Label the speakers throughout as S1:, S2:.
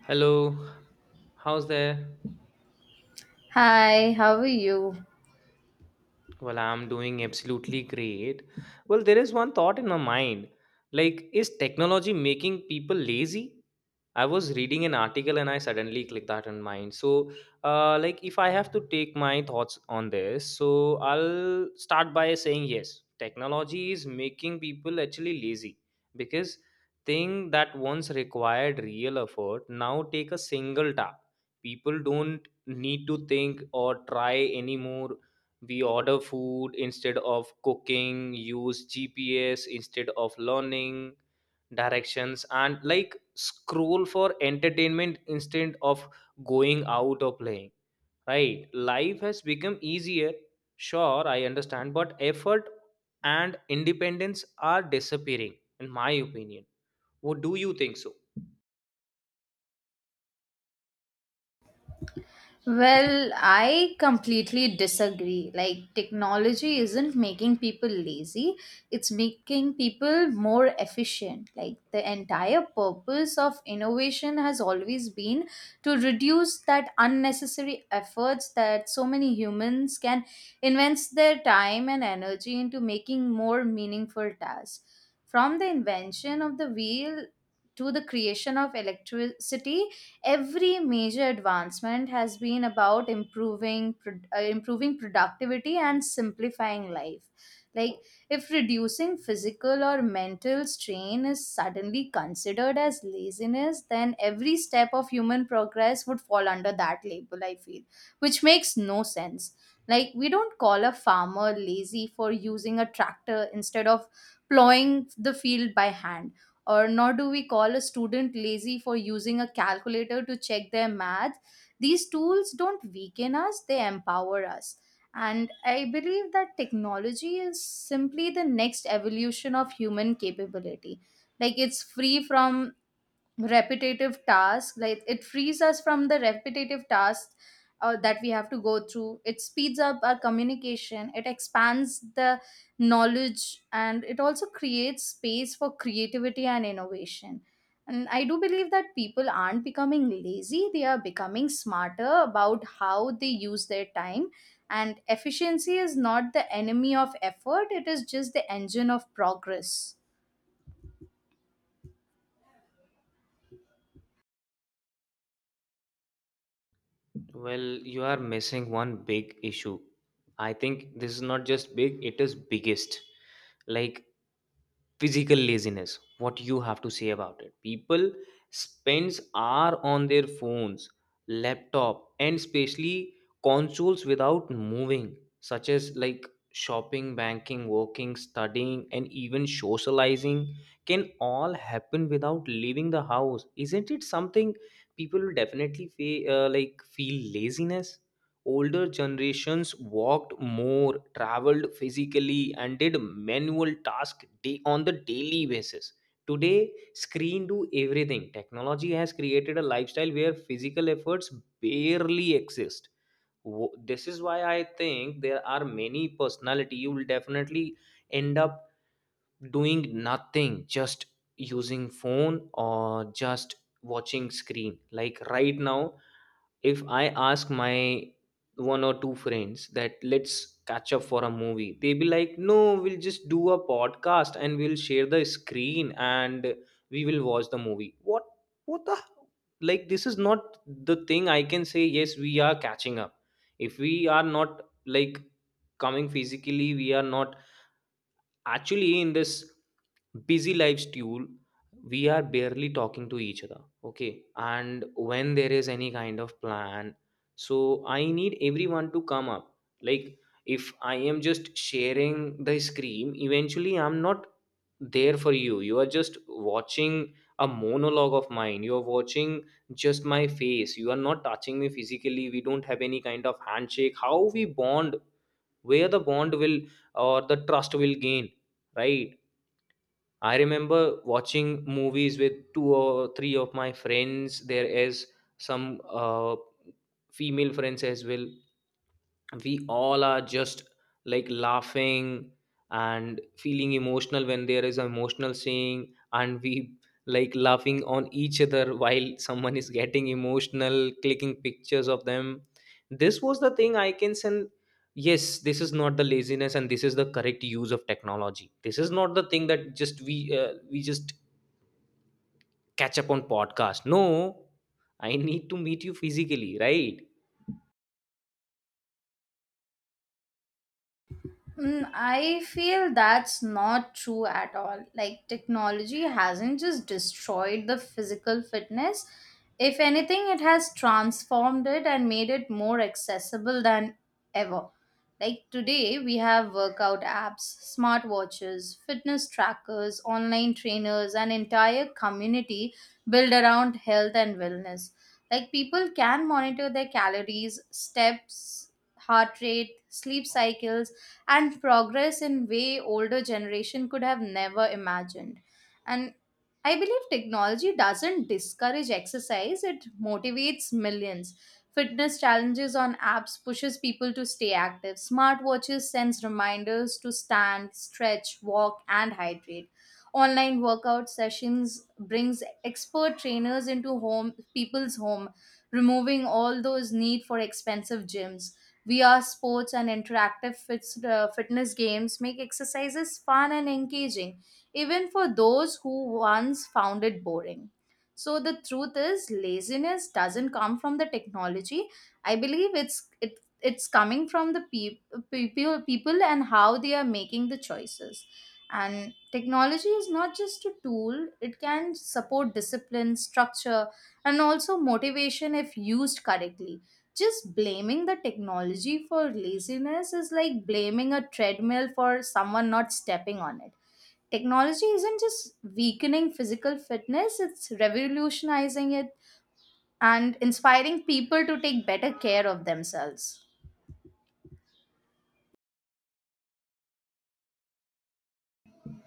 S1: Hello, how's there?
S2: Hi, how are you?
S1: Well, I'm doing absolutely great. Well, there is one thought in my mind, like, is technology making people lazy? I was reading an article and I suddenly clicked that in mind. If I have to take my thoughts on this, so I'll start by saying yes, technology is making people actually lazy because thing that once required real effort now take a single tap. People don't need to think or try anymore. We order food instead of cooking, use GPS instead of learning directions and, like, scroll for entertainment instead of going out or playing. Right, life has become easier, sure, I understand, but effort and independence are disappearing, in my opinion. What do you think so?
S2: Well, I completely disagree. Like, technology isn't making people lazy, it's making people more efficient. Like, the entire purpose of innovation has always been to reduce that unnecessary efforts that so many humans can invest their time and energy into making more meaningful tasks. From the invention of the wheel to the creation of electricity, every major advancement has been about improving improving productivity and simplifying life. Like, if reducing physical or mental strain is suddenly considered as laziness, then every step of human progress would fall under that label, I feel, which makes no sense. Like, we don't call a farmer lazy for using a tractor instead of plowing the field by hand, or nor do we call a student lazy for using a calculator to check their math. These tools don't weaken us, they empower us. And I believe that technology is simply the next evolution of human capability. Like it's free from like it frees us from the repetitive tasks that we have to go through. It speeds up our communication, it expands the knowledge, and it also creates space for creativity and innovation. And I do believe that people aren't becoming lazy, they are becoming smarter about how they use their time. And efficiency is not the enemy of effort, it is just the engine of progress.
S1: Well, you are missing one big issue. I think this is not just big, it is biggest, like physical laziness. What you have to say about it? People spends hour on their phones, laptop, and especially consoles without moving, such as, like, shopping, banking, working, studying, and even socializing can all happen without leaving the house. Isn't it something? People will definitely feel laziness. Older generations walked more, traveled physically, and did manual tasks day on the daily basis. Today screen do everything. Technology has created a lifestyle where physical efforts barely exist. This is why I think there are many personality you will definitely end up doing nothing, just using phone or just watching screen. Like right now, if I ask my one or two friends that let's catch up for a movie, they be like, no, we'll just do a podcast and we'll share the screen and we will watch the movie. What? What the? Like, this is not the thing I can say, yes, we are catching up. If we are not, like, coming physically, we are not actually in this busy lifestyle. We are barely talking to each other. Okay, and when there is any kind of plan, so I need everyone to come up, like, if I am just sharing the screen, eventually I'm not there for you. You are just watching a monologue of mine. You are watching just my face. You are not touching me physically. We don't have any kind of handshake. How we bond? Where the bond will or the trust will gain, right? I remember watching movies with two or three of my friends. There is some female friends as well. We all are just, like, laughing and feeling emotional when there is an emotional scene, and we, like, laughing on each other while someone is getting emotional, clicking pictures of them. This was the thing I can send. Yes, this is not the laziness, and this is the correct use of technology. This is not the thing that just we we just catch up on podcast. No, I need to meet you physically, right?
S2: Mm, I feel that's not true at all. Like, technology hasn't just destroyed the physical fitness. If anything, it has transformed it and made it more accessible than ever. Like, today, we have workout apps, smartwatches, fitness trackers, online trainers, an entire community built around health and wellness. Like, people can monitor their calories, steps, heart rate, sleep cycles and progress in way older generation could have never imagined. And I believe technology doesn't discourage exercise, it motivates millions. Fitness challenges on apps pushes people to stay active, smartwatches sends reminders to stand, stretch, walk and hydrate. Online workout sessions brings expert trainers into home, people's home, removing all those need for expensive gyms. VR sports and interactive fitness games make exercises fun and engaging, even for those who once found it boring. So the truth is, laziness doesn't come from the technology. I believe it's it it's coming from the people and how they are making the choices. And technology is not just a tool; it can support discipline, structure, and also motivation if used correctly. Just blaming the technology for laziness is like blaming a treadmill for someone not stepping on it. Technology isn't just weakening physical fitness, it's revolutionizing it and inspiring people to take better care of themselves.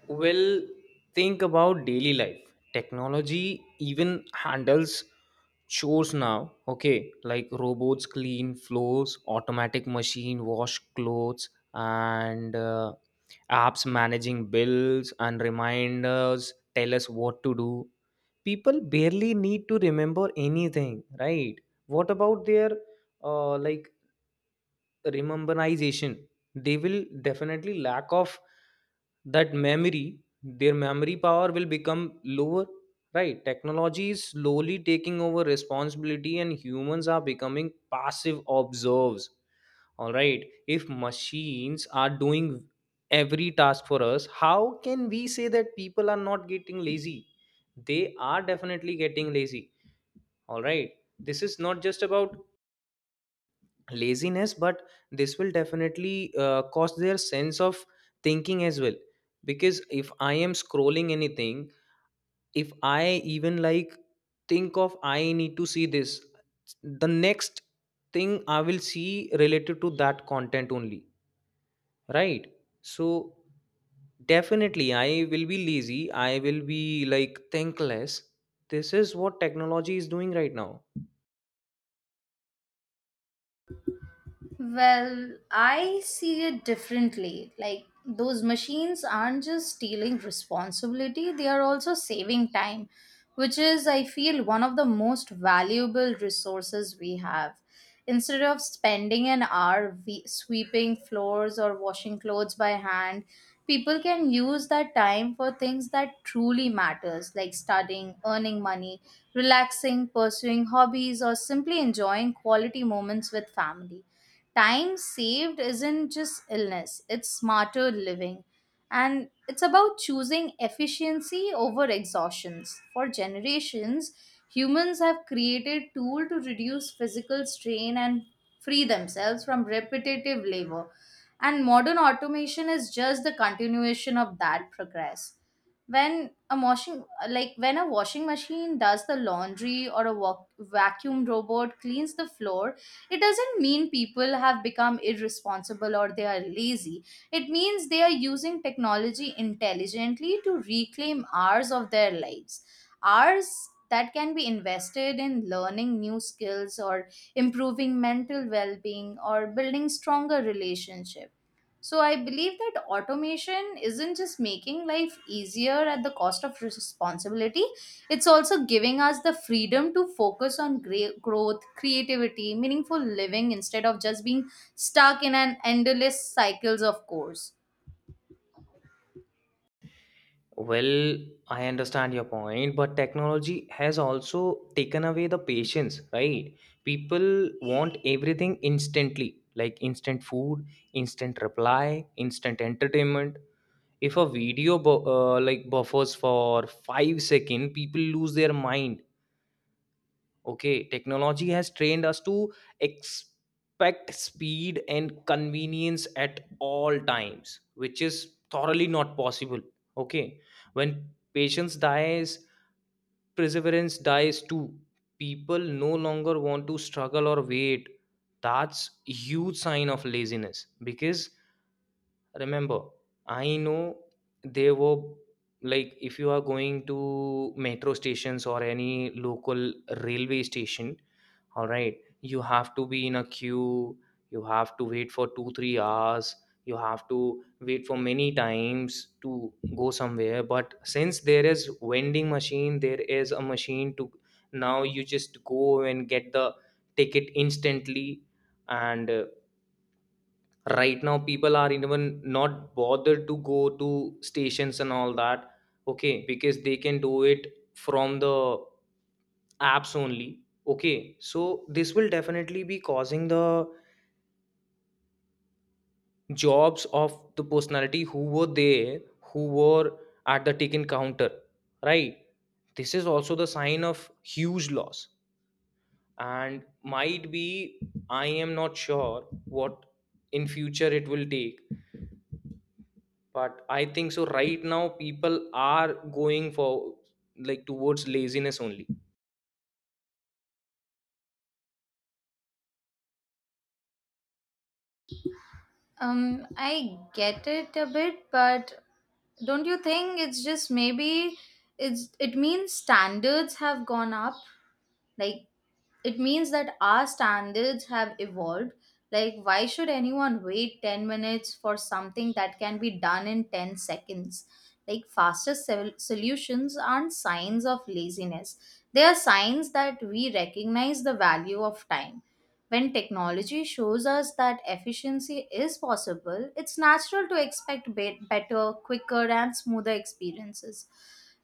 S1: Well, think about daily life. Technology even handles chores now. Okay, like robots clean floors, automatic machine wash clothes, and apps managing bills and reminders tell us what to do. People barely need to remember anything, right? What about their uh, like rememberization? They will definitely lack of that memory. Their memory power will become lower, right? Technology is slowly taking over responsibility and humans are becoming passive observers. All right, if machines are doing every task for us, how can we say that people are not getting lazy? They are definitely getting lazy, all right. This is not just about laziness, but this will definitely cost their sense of thinking as well. Because if I am scrolling anything, if I even, like, think of I need to see this, the next thing I will see related to that content only, right? So definitely I will be lazy. I will be, like, thinkless. This is what technology is doing right now.
S2: Well, I see it differently. Like, those machines aren't just stealing responsibility, they are also saving time, which is, I feel, one of the most valuable resources we have. Instead of spending an hour sweeping floors or washing clothes by hand, people can use that time for things that truly matters, like studying, earning money, relaxing, pursuing hobbies, or simply enjoying quality moments with family. Time saved isn't just illness, it's smarter living. And it's about choosing efficiency over exhaustions. For generations, humans have created tools to reduce physical strain and free themselves from repetitive labor. And modern automation is just the continuation of that progress. When a washing like when a washing machine does the laundry or a vacuum robot cleans the floor, it doesn't mean people have become irresponsible or they are lazy. It means they are using technology intelligently to reclaim hours of their lives. Hours that can be invested in learning new skills, or improving mental well being, or building stronger relationships. So I believe that automation isn't just making life easier at the cost of responsibility, it's also giving us the freedom to focus on growth, creativity, meaningful living instead of just being stuck in an endless cycles of course.
S1: Well, I understand your point, but technology has also taken away the patience, right? People want everything instantly, like instant food, instant reply, instant entertainment. If a video buffers for 5 seconds, people lose their mind. Okay, technology has trained us to expect speed and convenience at all times, which is thoroughly not possible. Okay, when patience dies, perseverance dies too. People no longer want to struggle or wait. That's huge sign of laziness because, remember, I know there were, like, if you are going to metro stations or any local railway station, all right, you have to be in a queue. You have to wait for 2 3 hours. You have to wait for many times to go somewhere. But since there is vending machine, there is a machine to, now you just go and get the ticket instantly. And right now people are even not bothered to go to stations and all that. Okay, because they can do it from the apps only. Okay, so this will definitely be causing the jobs of the personality who were there, who were at the ticket counter, right? This is also the sign of huge loss. And might be, I am not sure what in future it will take, but I think so right now people are going for, like, towards laziness only.
S2: I get it a bit, but don't you think it's just maybe it means standards have gone up? Like, it means that our standards have evolved. Like, why should anyone wait 10 minutes for something that can be done in 10 seconds? Like, faster solutions aren't signs of laziness, they are signs that we recognize the value of time. When technology shows us that efficiency is possible, it's natural to expect better, quicker and smoother experiences.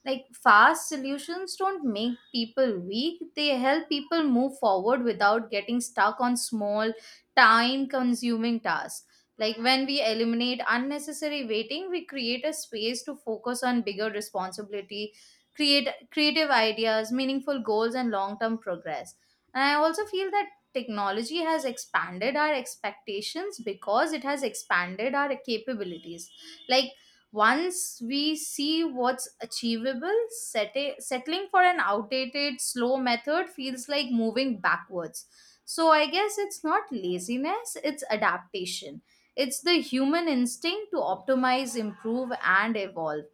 S2: Like, fast solutions don't make people weak, they help people move forward without getting stuck on small, time consuming tasks. Like, when we eliminate unnecessary waiting, we create a space to focus on bigger responsibility, create creative ideas, meaningful goals, and long term progress. And I also feel that technology has expanded our expectations because it has expanded our capabilities. Like, once we see what's achievable, settling for an outdated, slow method feels like moving backwards. So I guess it's not laziness, it's adaptation. It's the human instinct to optimize, improve, and evolve.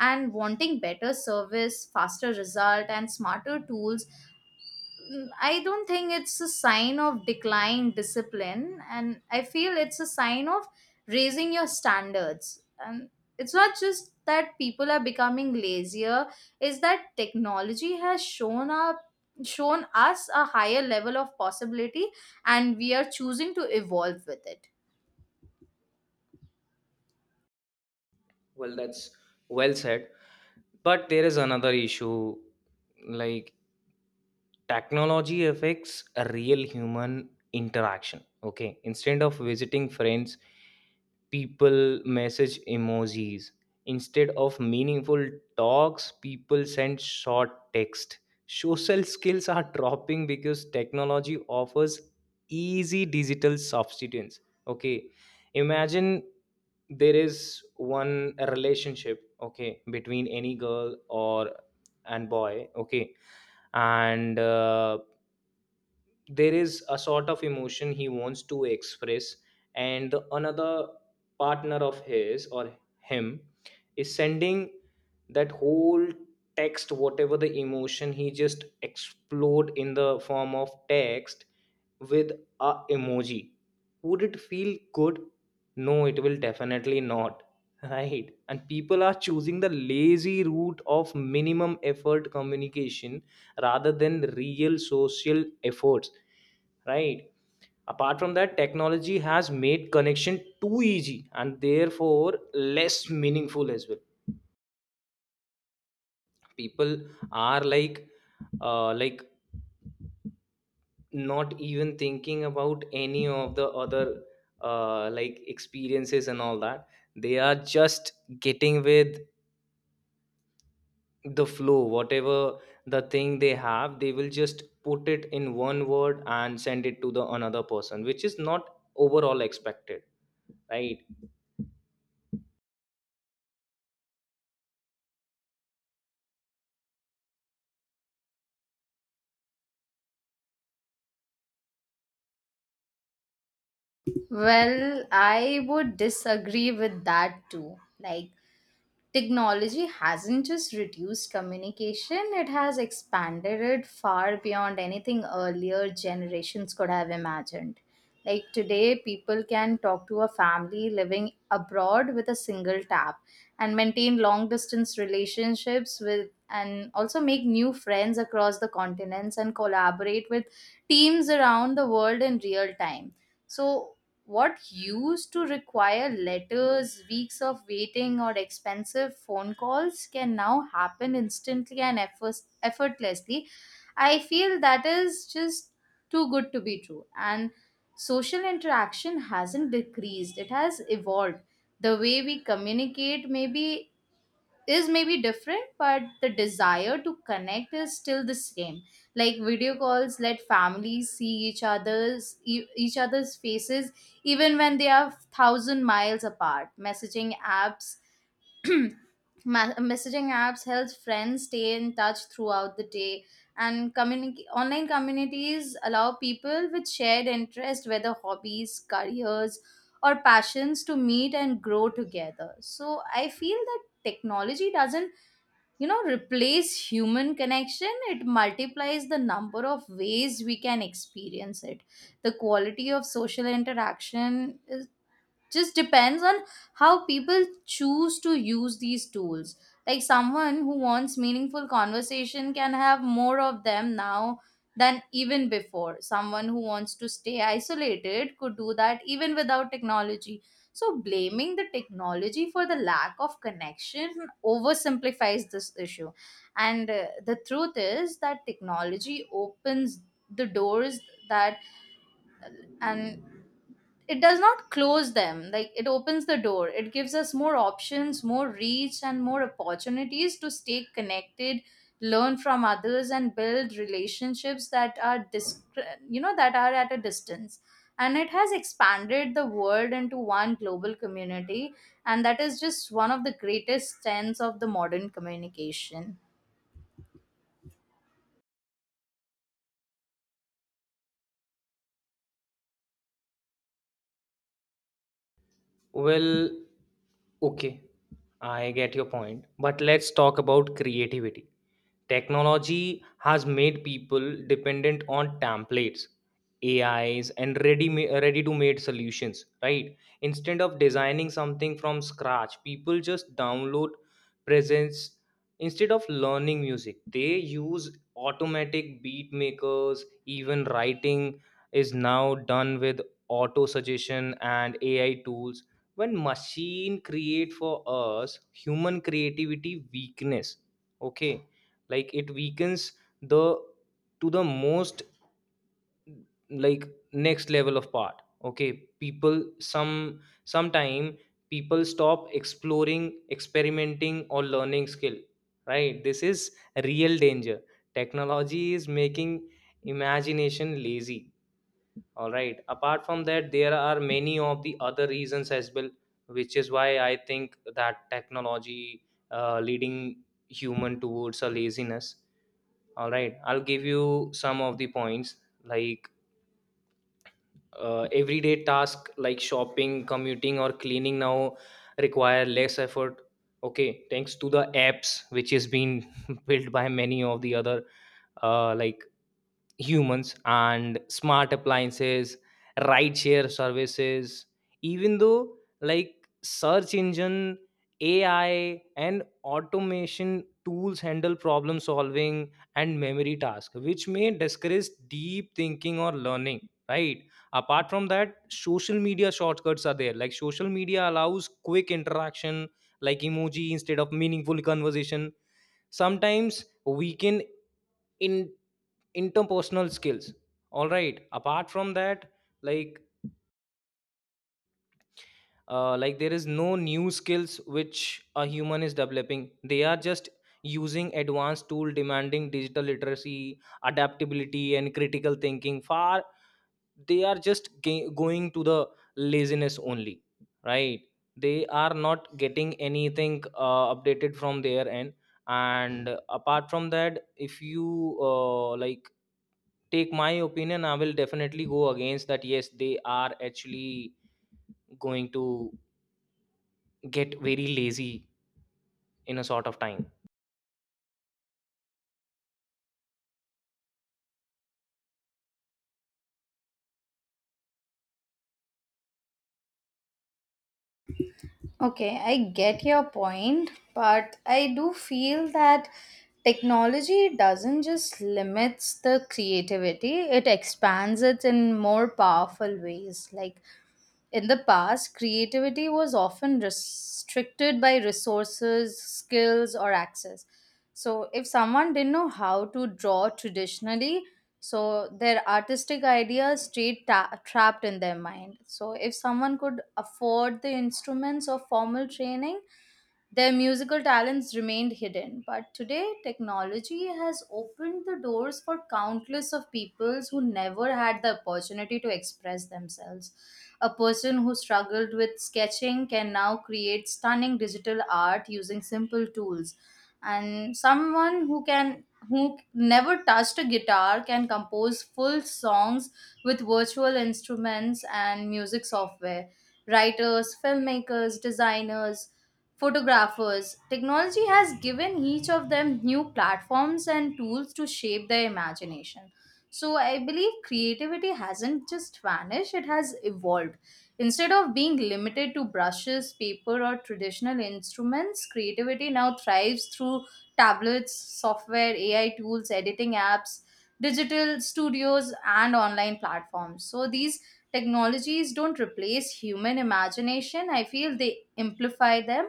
S2: And wanting better service, faster result, and smarter tools. Mm, I don't think it's a sign of decline discipline, and I feel it's a sign of raising your standards. And it's not just that people are becoming lazier; is that technology has shown up shown us a higher level of possibility, and we are choosing to evolve with it.
S1: Well, that's well said. But there is another issue, like technology affects a real human interaction. Okay. Instead of visiting friends, people message emojis. Instead of meaningful talks, people send short text. Social skills are dropping because technology offers easy digital substitutes. Okay. Imagine there is one relationship, okay, between any girl or and boy, okay, and there is a sort of emotion he wants to express, and the another partner of his or him is sending that whole text, whatever the emotion he just explode in the form of text with a emoji. Would it feel good? No, it will definitely not right? And people are choosing the lazy route of minimum effort communication rather than real social efforts, right? Apart from that, technology has made connection too easy and therefore less meaningful as well. People are, like, uh, like not even thinking about any of the other experiences and all that. They are just getting with the flow. Whatever the thing they have, they will just put it in one word and send it to the another person, which is not overall expected, right?
S2: Well, I would disagree with that too. Like, technology hasn't just reduced communication, it has expanded it far beyond anything earlier generations could have imagined. Like, today, people can talk to a family living abroad with a single tap, and maintain long distance relationships with, and also make new friends across the continents, and collaborate with teams around the world in real time. So what used to require letters, weeks of waiting, or expensive phone calls can now happen instantly and effortlessly. I feel that is just too good to be true. And social interaction hasn't decreased, it has evolved. The way we communicate may be is maybe different, but the desire to connect is still the same. Like, video calls let families see each other's faces even when they are 1,000 miles apart. Messaging apps messaging apps helps friends stay in touch throughout the day, and online communities allow people with shared interests, whether hobbies, careers, or passions, to meet and grow together. So I feel that technology doesn't, you know, replace human connection, it multiplies the number of ways we can experience it. The quality of social interaction just depends on how people choose to use these tools. Like, someone who wants meaningful conversation can have more of them now than even before. Someone who wants to stay isolated could do that even without technology. So blaming the technology for the lack of connection oversimplifies this issue. And the truth is that technology opens the doors that and it does not close them. Like, it opens the door, it gives us more options, more reach and more opportunities to stay connected, learn from others, and build relationships that are at a distance. And it has expanded the world into one global community, and that is just one of the greatest strengths of the modern communication.
S1: Well, okay, I get your point. But let's talk about creativity. Technology has made people dependent on templates, AIs, and ready to made solutions, right? Instead of designing something from scratch, people just download presents. Instead of learning music, they use automatic beat makers. Even writing is now done with auto suggestion and AI tools. When machine create for us, human creativity weakness, okay, like it weakens the, to the most, like, next level of part. Okay, people some sometime people stop exploring, experimenting, or learning skill, right? This is real danger. Technology is making imagination lazy. All right. Apart from that, there are many of the other reasons as well, which is why I think that technology leading human towards a laziness. All right, I'll give you some of the points, like everyday task like shopping, commuting, or cleaning now require less effort. Okay, thanks to the apps which is being built by many of the other uh, like humans and smart appliances, rideshare services. Even though, like, search engine, AI and automation tools handle problem solving and memory tasks, which may discourage deep thinking or learning, right? Apart from that, social media shortcuts are there. Like social media allows quick interaction, like emoji instead of meaningful conversation, sometimes we can interpersonal skills, all right. Apart from that, like, there is no new skills which a human is developing. They are just using advanced tool demanding digital literacy, adaptability, and critical thinking. Far, they are just going to the laziness only, right? They are not getting anything updated from their end. And apart from that, if you take my opinion, I will definitely go against that. Yes, they are actually going to get very lazy in a sort of time.
S2: Okay, I get your point, but I do feel that technology doesn't just limits the creativity, it expands it in more powerful ways. Like, in the past, creativity was often restricted by resources, skills, or access. So, if someone didn't know how to draw traditionally, so their artistic ideas stayed trapped in their mind. So, if someone could afford the instruments or formal training, their musical talents remained hidden, but today technology has opened the doors for countless of peoples who never had the opportunity to express themselves. A person who struggled with sketching can now create stunning digital art using simple tools, and someone who never touched a guitar can compose full songs with virtual instruments and music software. Writers, filmmakers, designers, photographers. Technology has given each of them new platforms and tools to shape their imagination. So I believe creativity hasn't just vanished, it has evolved. Instead of being limited to brushes, paper, or traditional instruments, creativity now thrives through tablets, software, AI tools, editing apps, digital studios, and online platforms. So these technologies don't replace human imagination. I feel they amplify them,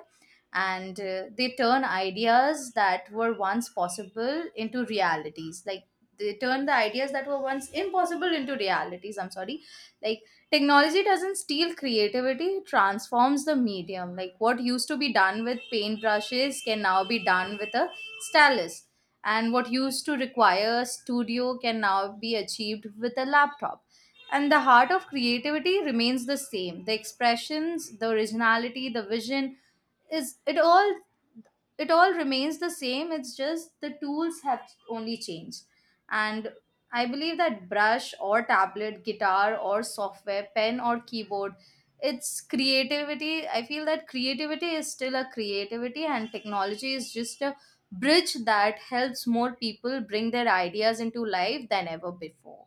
S2: and they turn ideas that were once possible into realities, like they turn the ideas that were once impossible into realities. I'm sorry. Like, technology doesn't steal creativity, it transforms the medium. Like, what used to be done with paintbrushes can now be done with a stylus, and what used to require a studio can now be achieved with a laptop. And the heart of creativity remains the same, the expressions, the originality, the vision, is it all remains the same. It's just the tools have only changed. And I believe that brush or tablet, guitar or software, pen or keyboard, it's creativity. I feel that creativity is still a creativity, and technology is just a bridge that helps more people bring their ideas into life than ever before.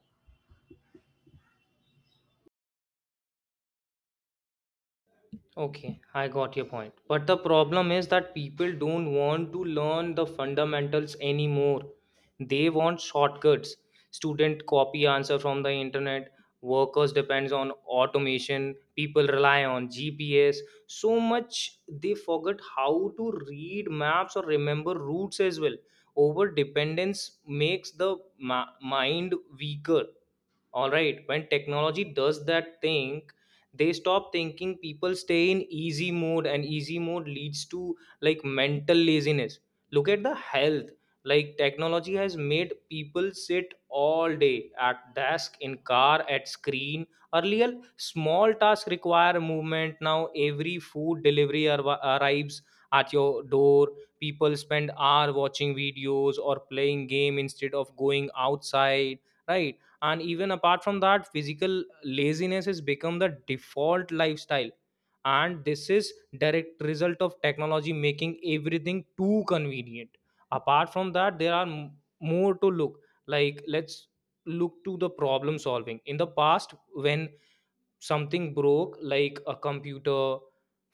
S1: Okay, I got your point. But the problem is that people don't want to learn the fundamentals anymore. They want shortcuts. Student copy answer from the internet, workers depends on automation, people rely on GPS so much they forget how to read maps or remember routes as well. Over dependence makes the mind weaker. All right, when technology does that thing, they stop thinking. People stay in easy mode, and easy mode leads to, like, mental laziness. Look at the health. Like, technology has made people sit all day at desk, in car, at screen. Earlier small tasks require movement. Now every food delivery arrives at your door. People spend hour watching videos or playing game instead of going outside, right? And even apart from that, physical laziness has become the default lifestyle, and this is direct result of technology making everything too convenient. Apart from that, there are more to look. Like, let's look to the problem solving. In the past, when something broke, like a computer,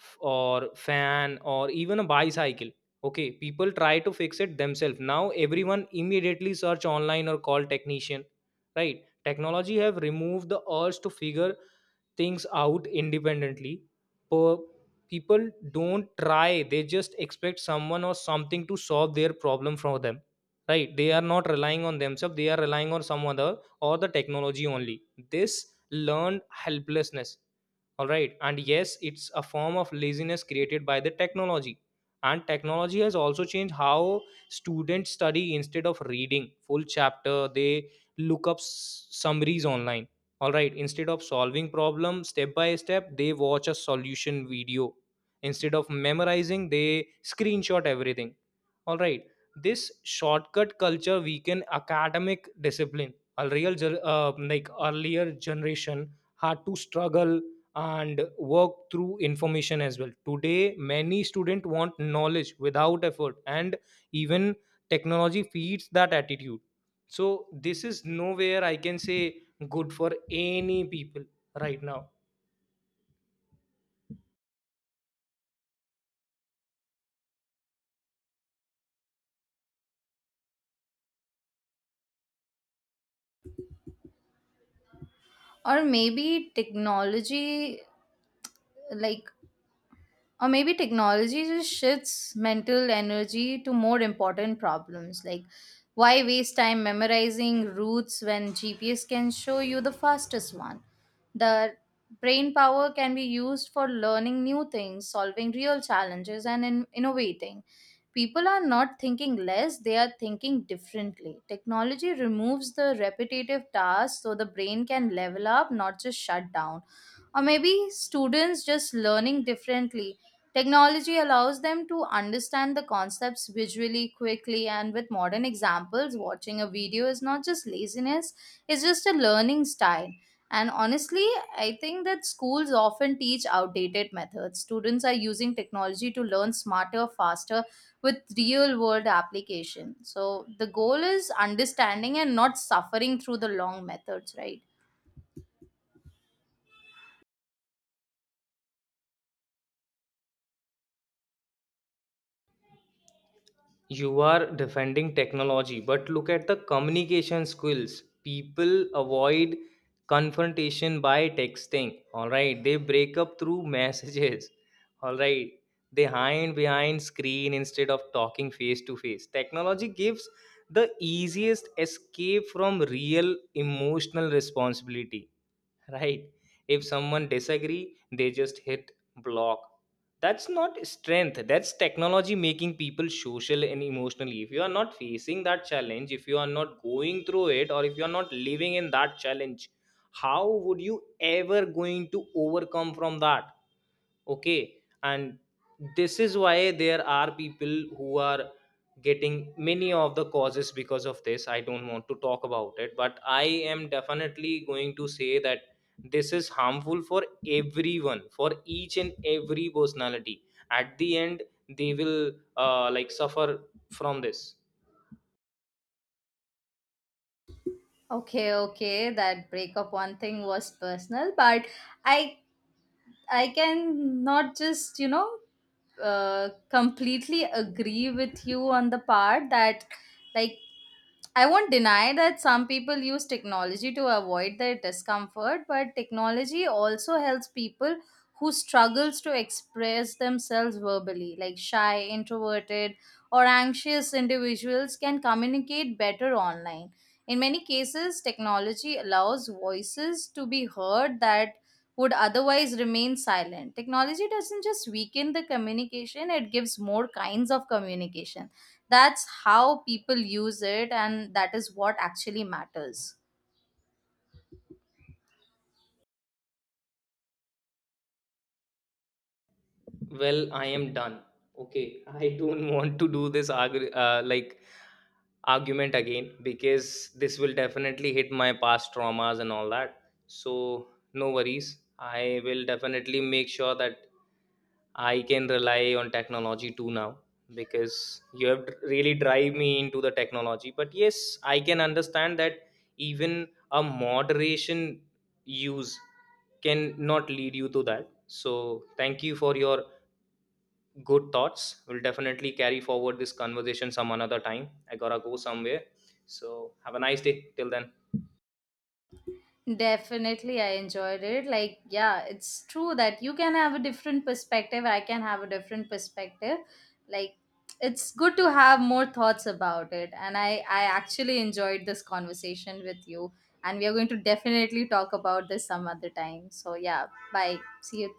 S1: or fan, or even a bicycle, okay, people try to fix it themselves. Now everyone immediately search online or call technician, right? Technology have removed the urge to figure things out independently. Per People don't try. They just expect someone or something to solve their problem for them, right? They are not relying on themselves. They are relying on some other or the technology only. This learned helplessness, all right, and yes, it's a form of laziness created by the technology. And technology has also changed how students study. Instead of reading full chapter, they look up summaries online. All right, instead of solving problem step by step, they watch a solution video. Instead of memorizing, they screenshot everything. All right, this shortcut culture weaken academic discipline. A real earlier generation had to struggle and work through information as well. Today many students want knowledge without effort, and even technology feeds that attitude. So this is nowhere I can say good for any people right now.
S2: Or maybe technology, like, or maybe technology just shifts mental energy to more important problems. Like, why waste time memorizing routes when GPS can show you the fastest one? The brain power can be used for learning new things, solving real challenges, and innovating. People are not thinking less, they are thinking differently. Technology removes the repetitive tasks so the brain can level up, not just shut down. Or maybe students just learning differently. Technology allows them to understand the concepts visually, quickly, and with modern examples. Watching a video is not just laziness, it's just a learning style. And honestly, I think that schools often teach outdated methods. Students are using technology to learn smarter, faster, with real world application. So the goal is understanding and not suffering through the long methods, right?
S1: You are defending technology, but look at the communication skills. People avoid confrontation by texting. All right, they break up through messages. All right, they hide behind screen instead of talking face to face. Technology gives the easiest escape from real emotional responsibility, right? If someone disagree, they just hit block. That's not strength. That's technology making people social and emotionally. If you are not facing that challenge, if you are not going through it, or if you are not living in that challenge, how would you ever going to overcome from that? Okay, and this is why there are people who are getting many of the causes because of this. I don't want to talk about it, but I am definitely going to say that this is harmful for everyone, for each and every personality. At the end, they will suffer from this.
S2: Okay, okay, that breakup one thing was personal, but I I can not just, you know, completely agree with you on the part that, like, I won't deny that some people use technology to avoid their discomfort, but technology also helps people who struggles to express themselves verbally, like shy, introverted, or anxious individuals can communicate better online. In many cases, technology allows voices to be heard that would otherwise remain silent. Technology doesn't just weaken the communication, it gives more kinds of communication, that's how people use it, and that is what actually matters.
S1: Well, I am done. Okay, I don't want to do this argument again, because this will definitely hit my past traumas and all that. So no worries. I will definitely make sure that I can rely on technology too now, because you have really drive me into the technology. But yes, I can understand that even a moderation use can not lead you to that. So thank you for your good thoughts. We'll definitely carry forward this conversation some another time. I gotta go somewhere. So have a nice day. Till then.
S2: Definitely, I enjoyed it. Like, yeah, it's true that you can have a different perspective, I can have a different perspective. Like, it's good to have more thoughts about it, and I actually enjoyed this conversation with you. And we are going to definitely talk about this some other time, so yeah, bye, see you.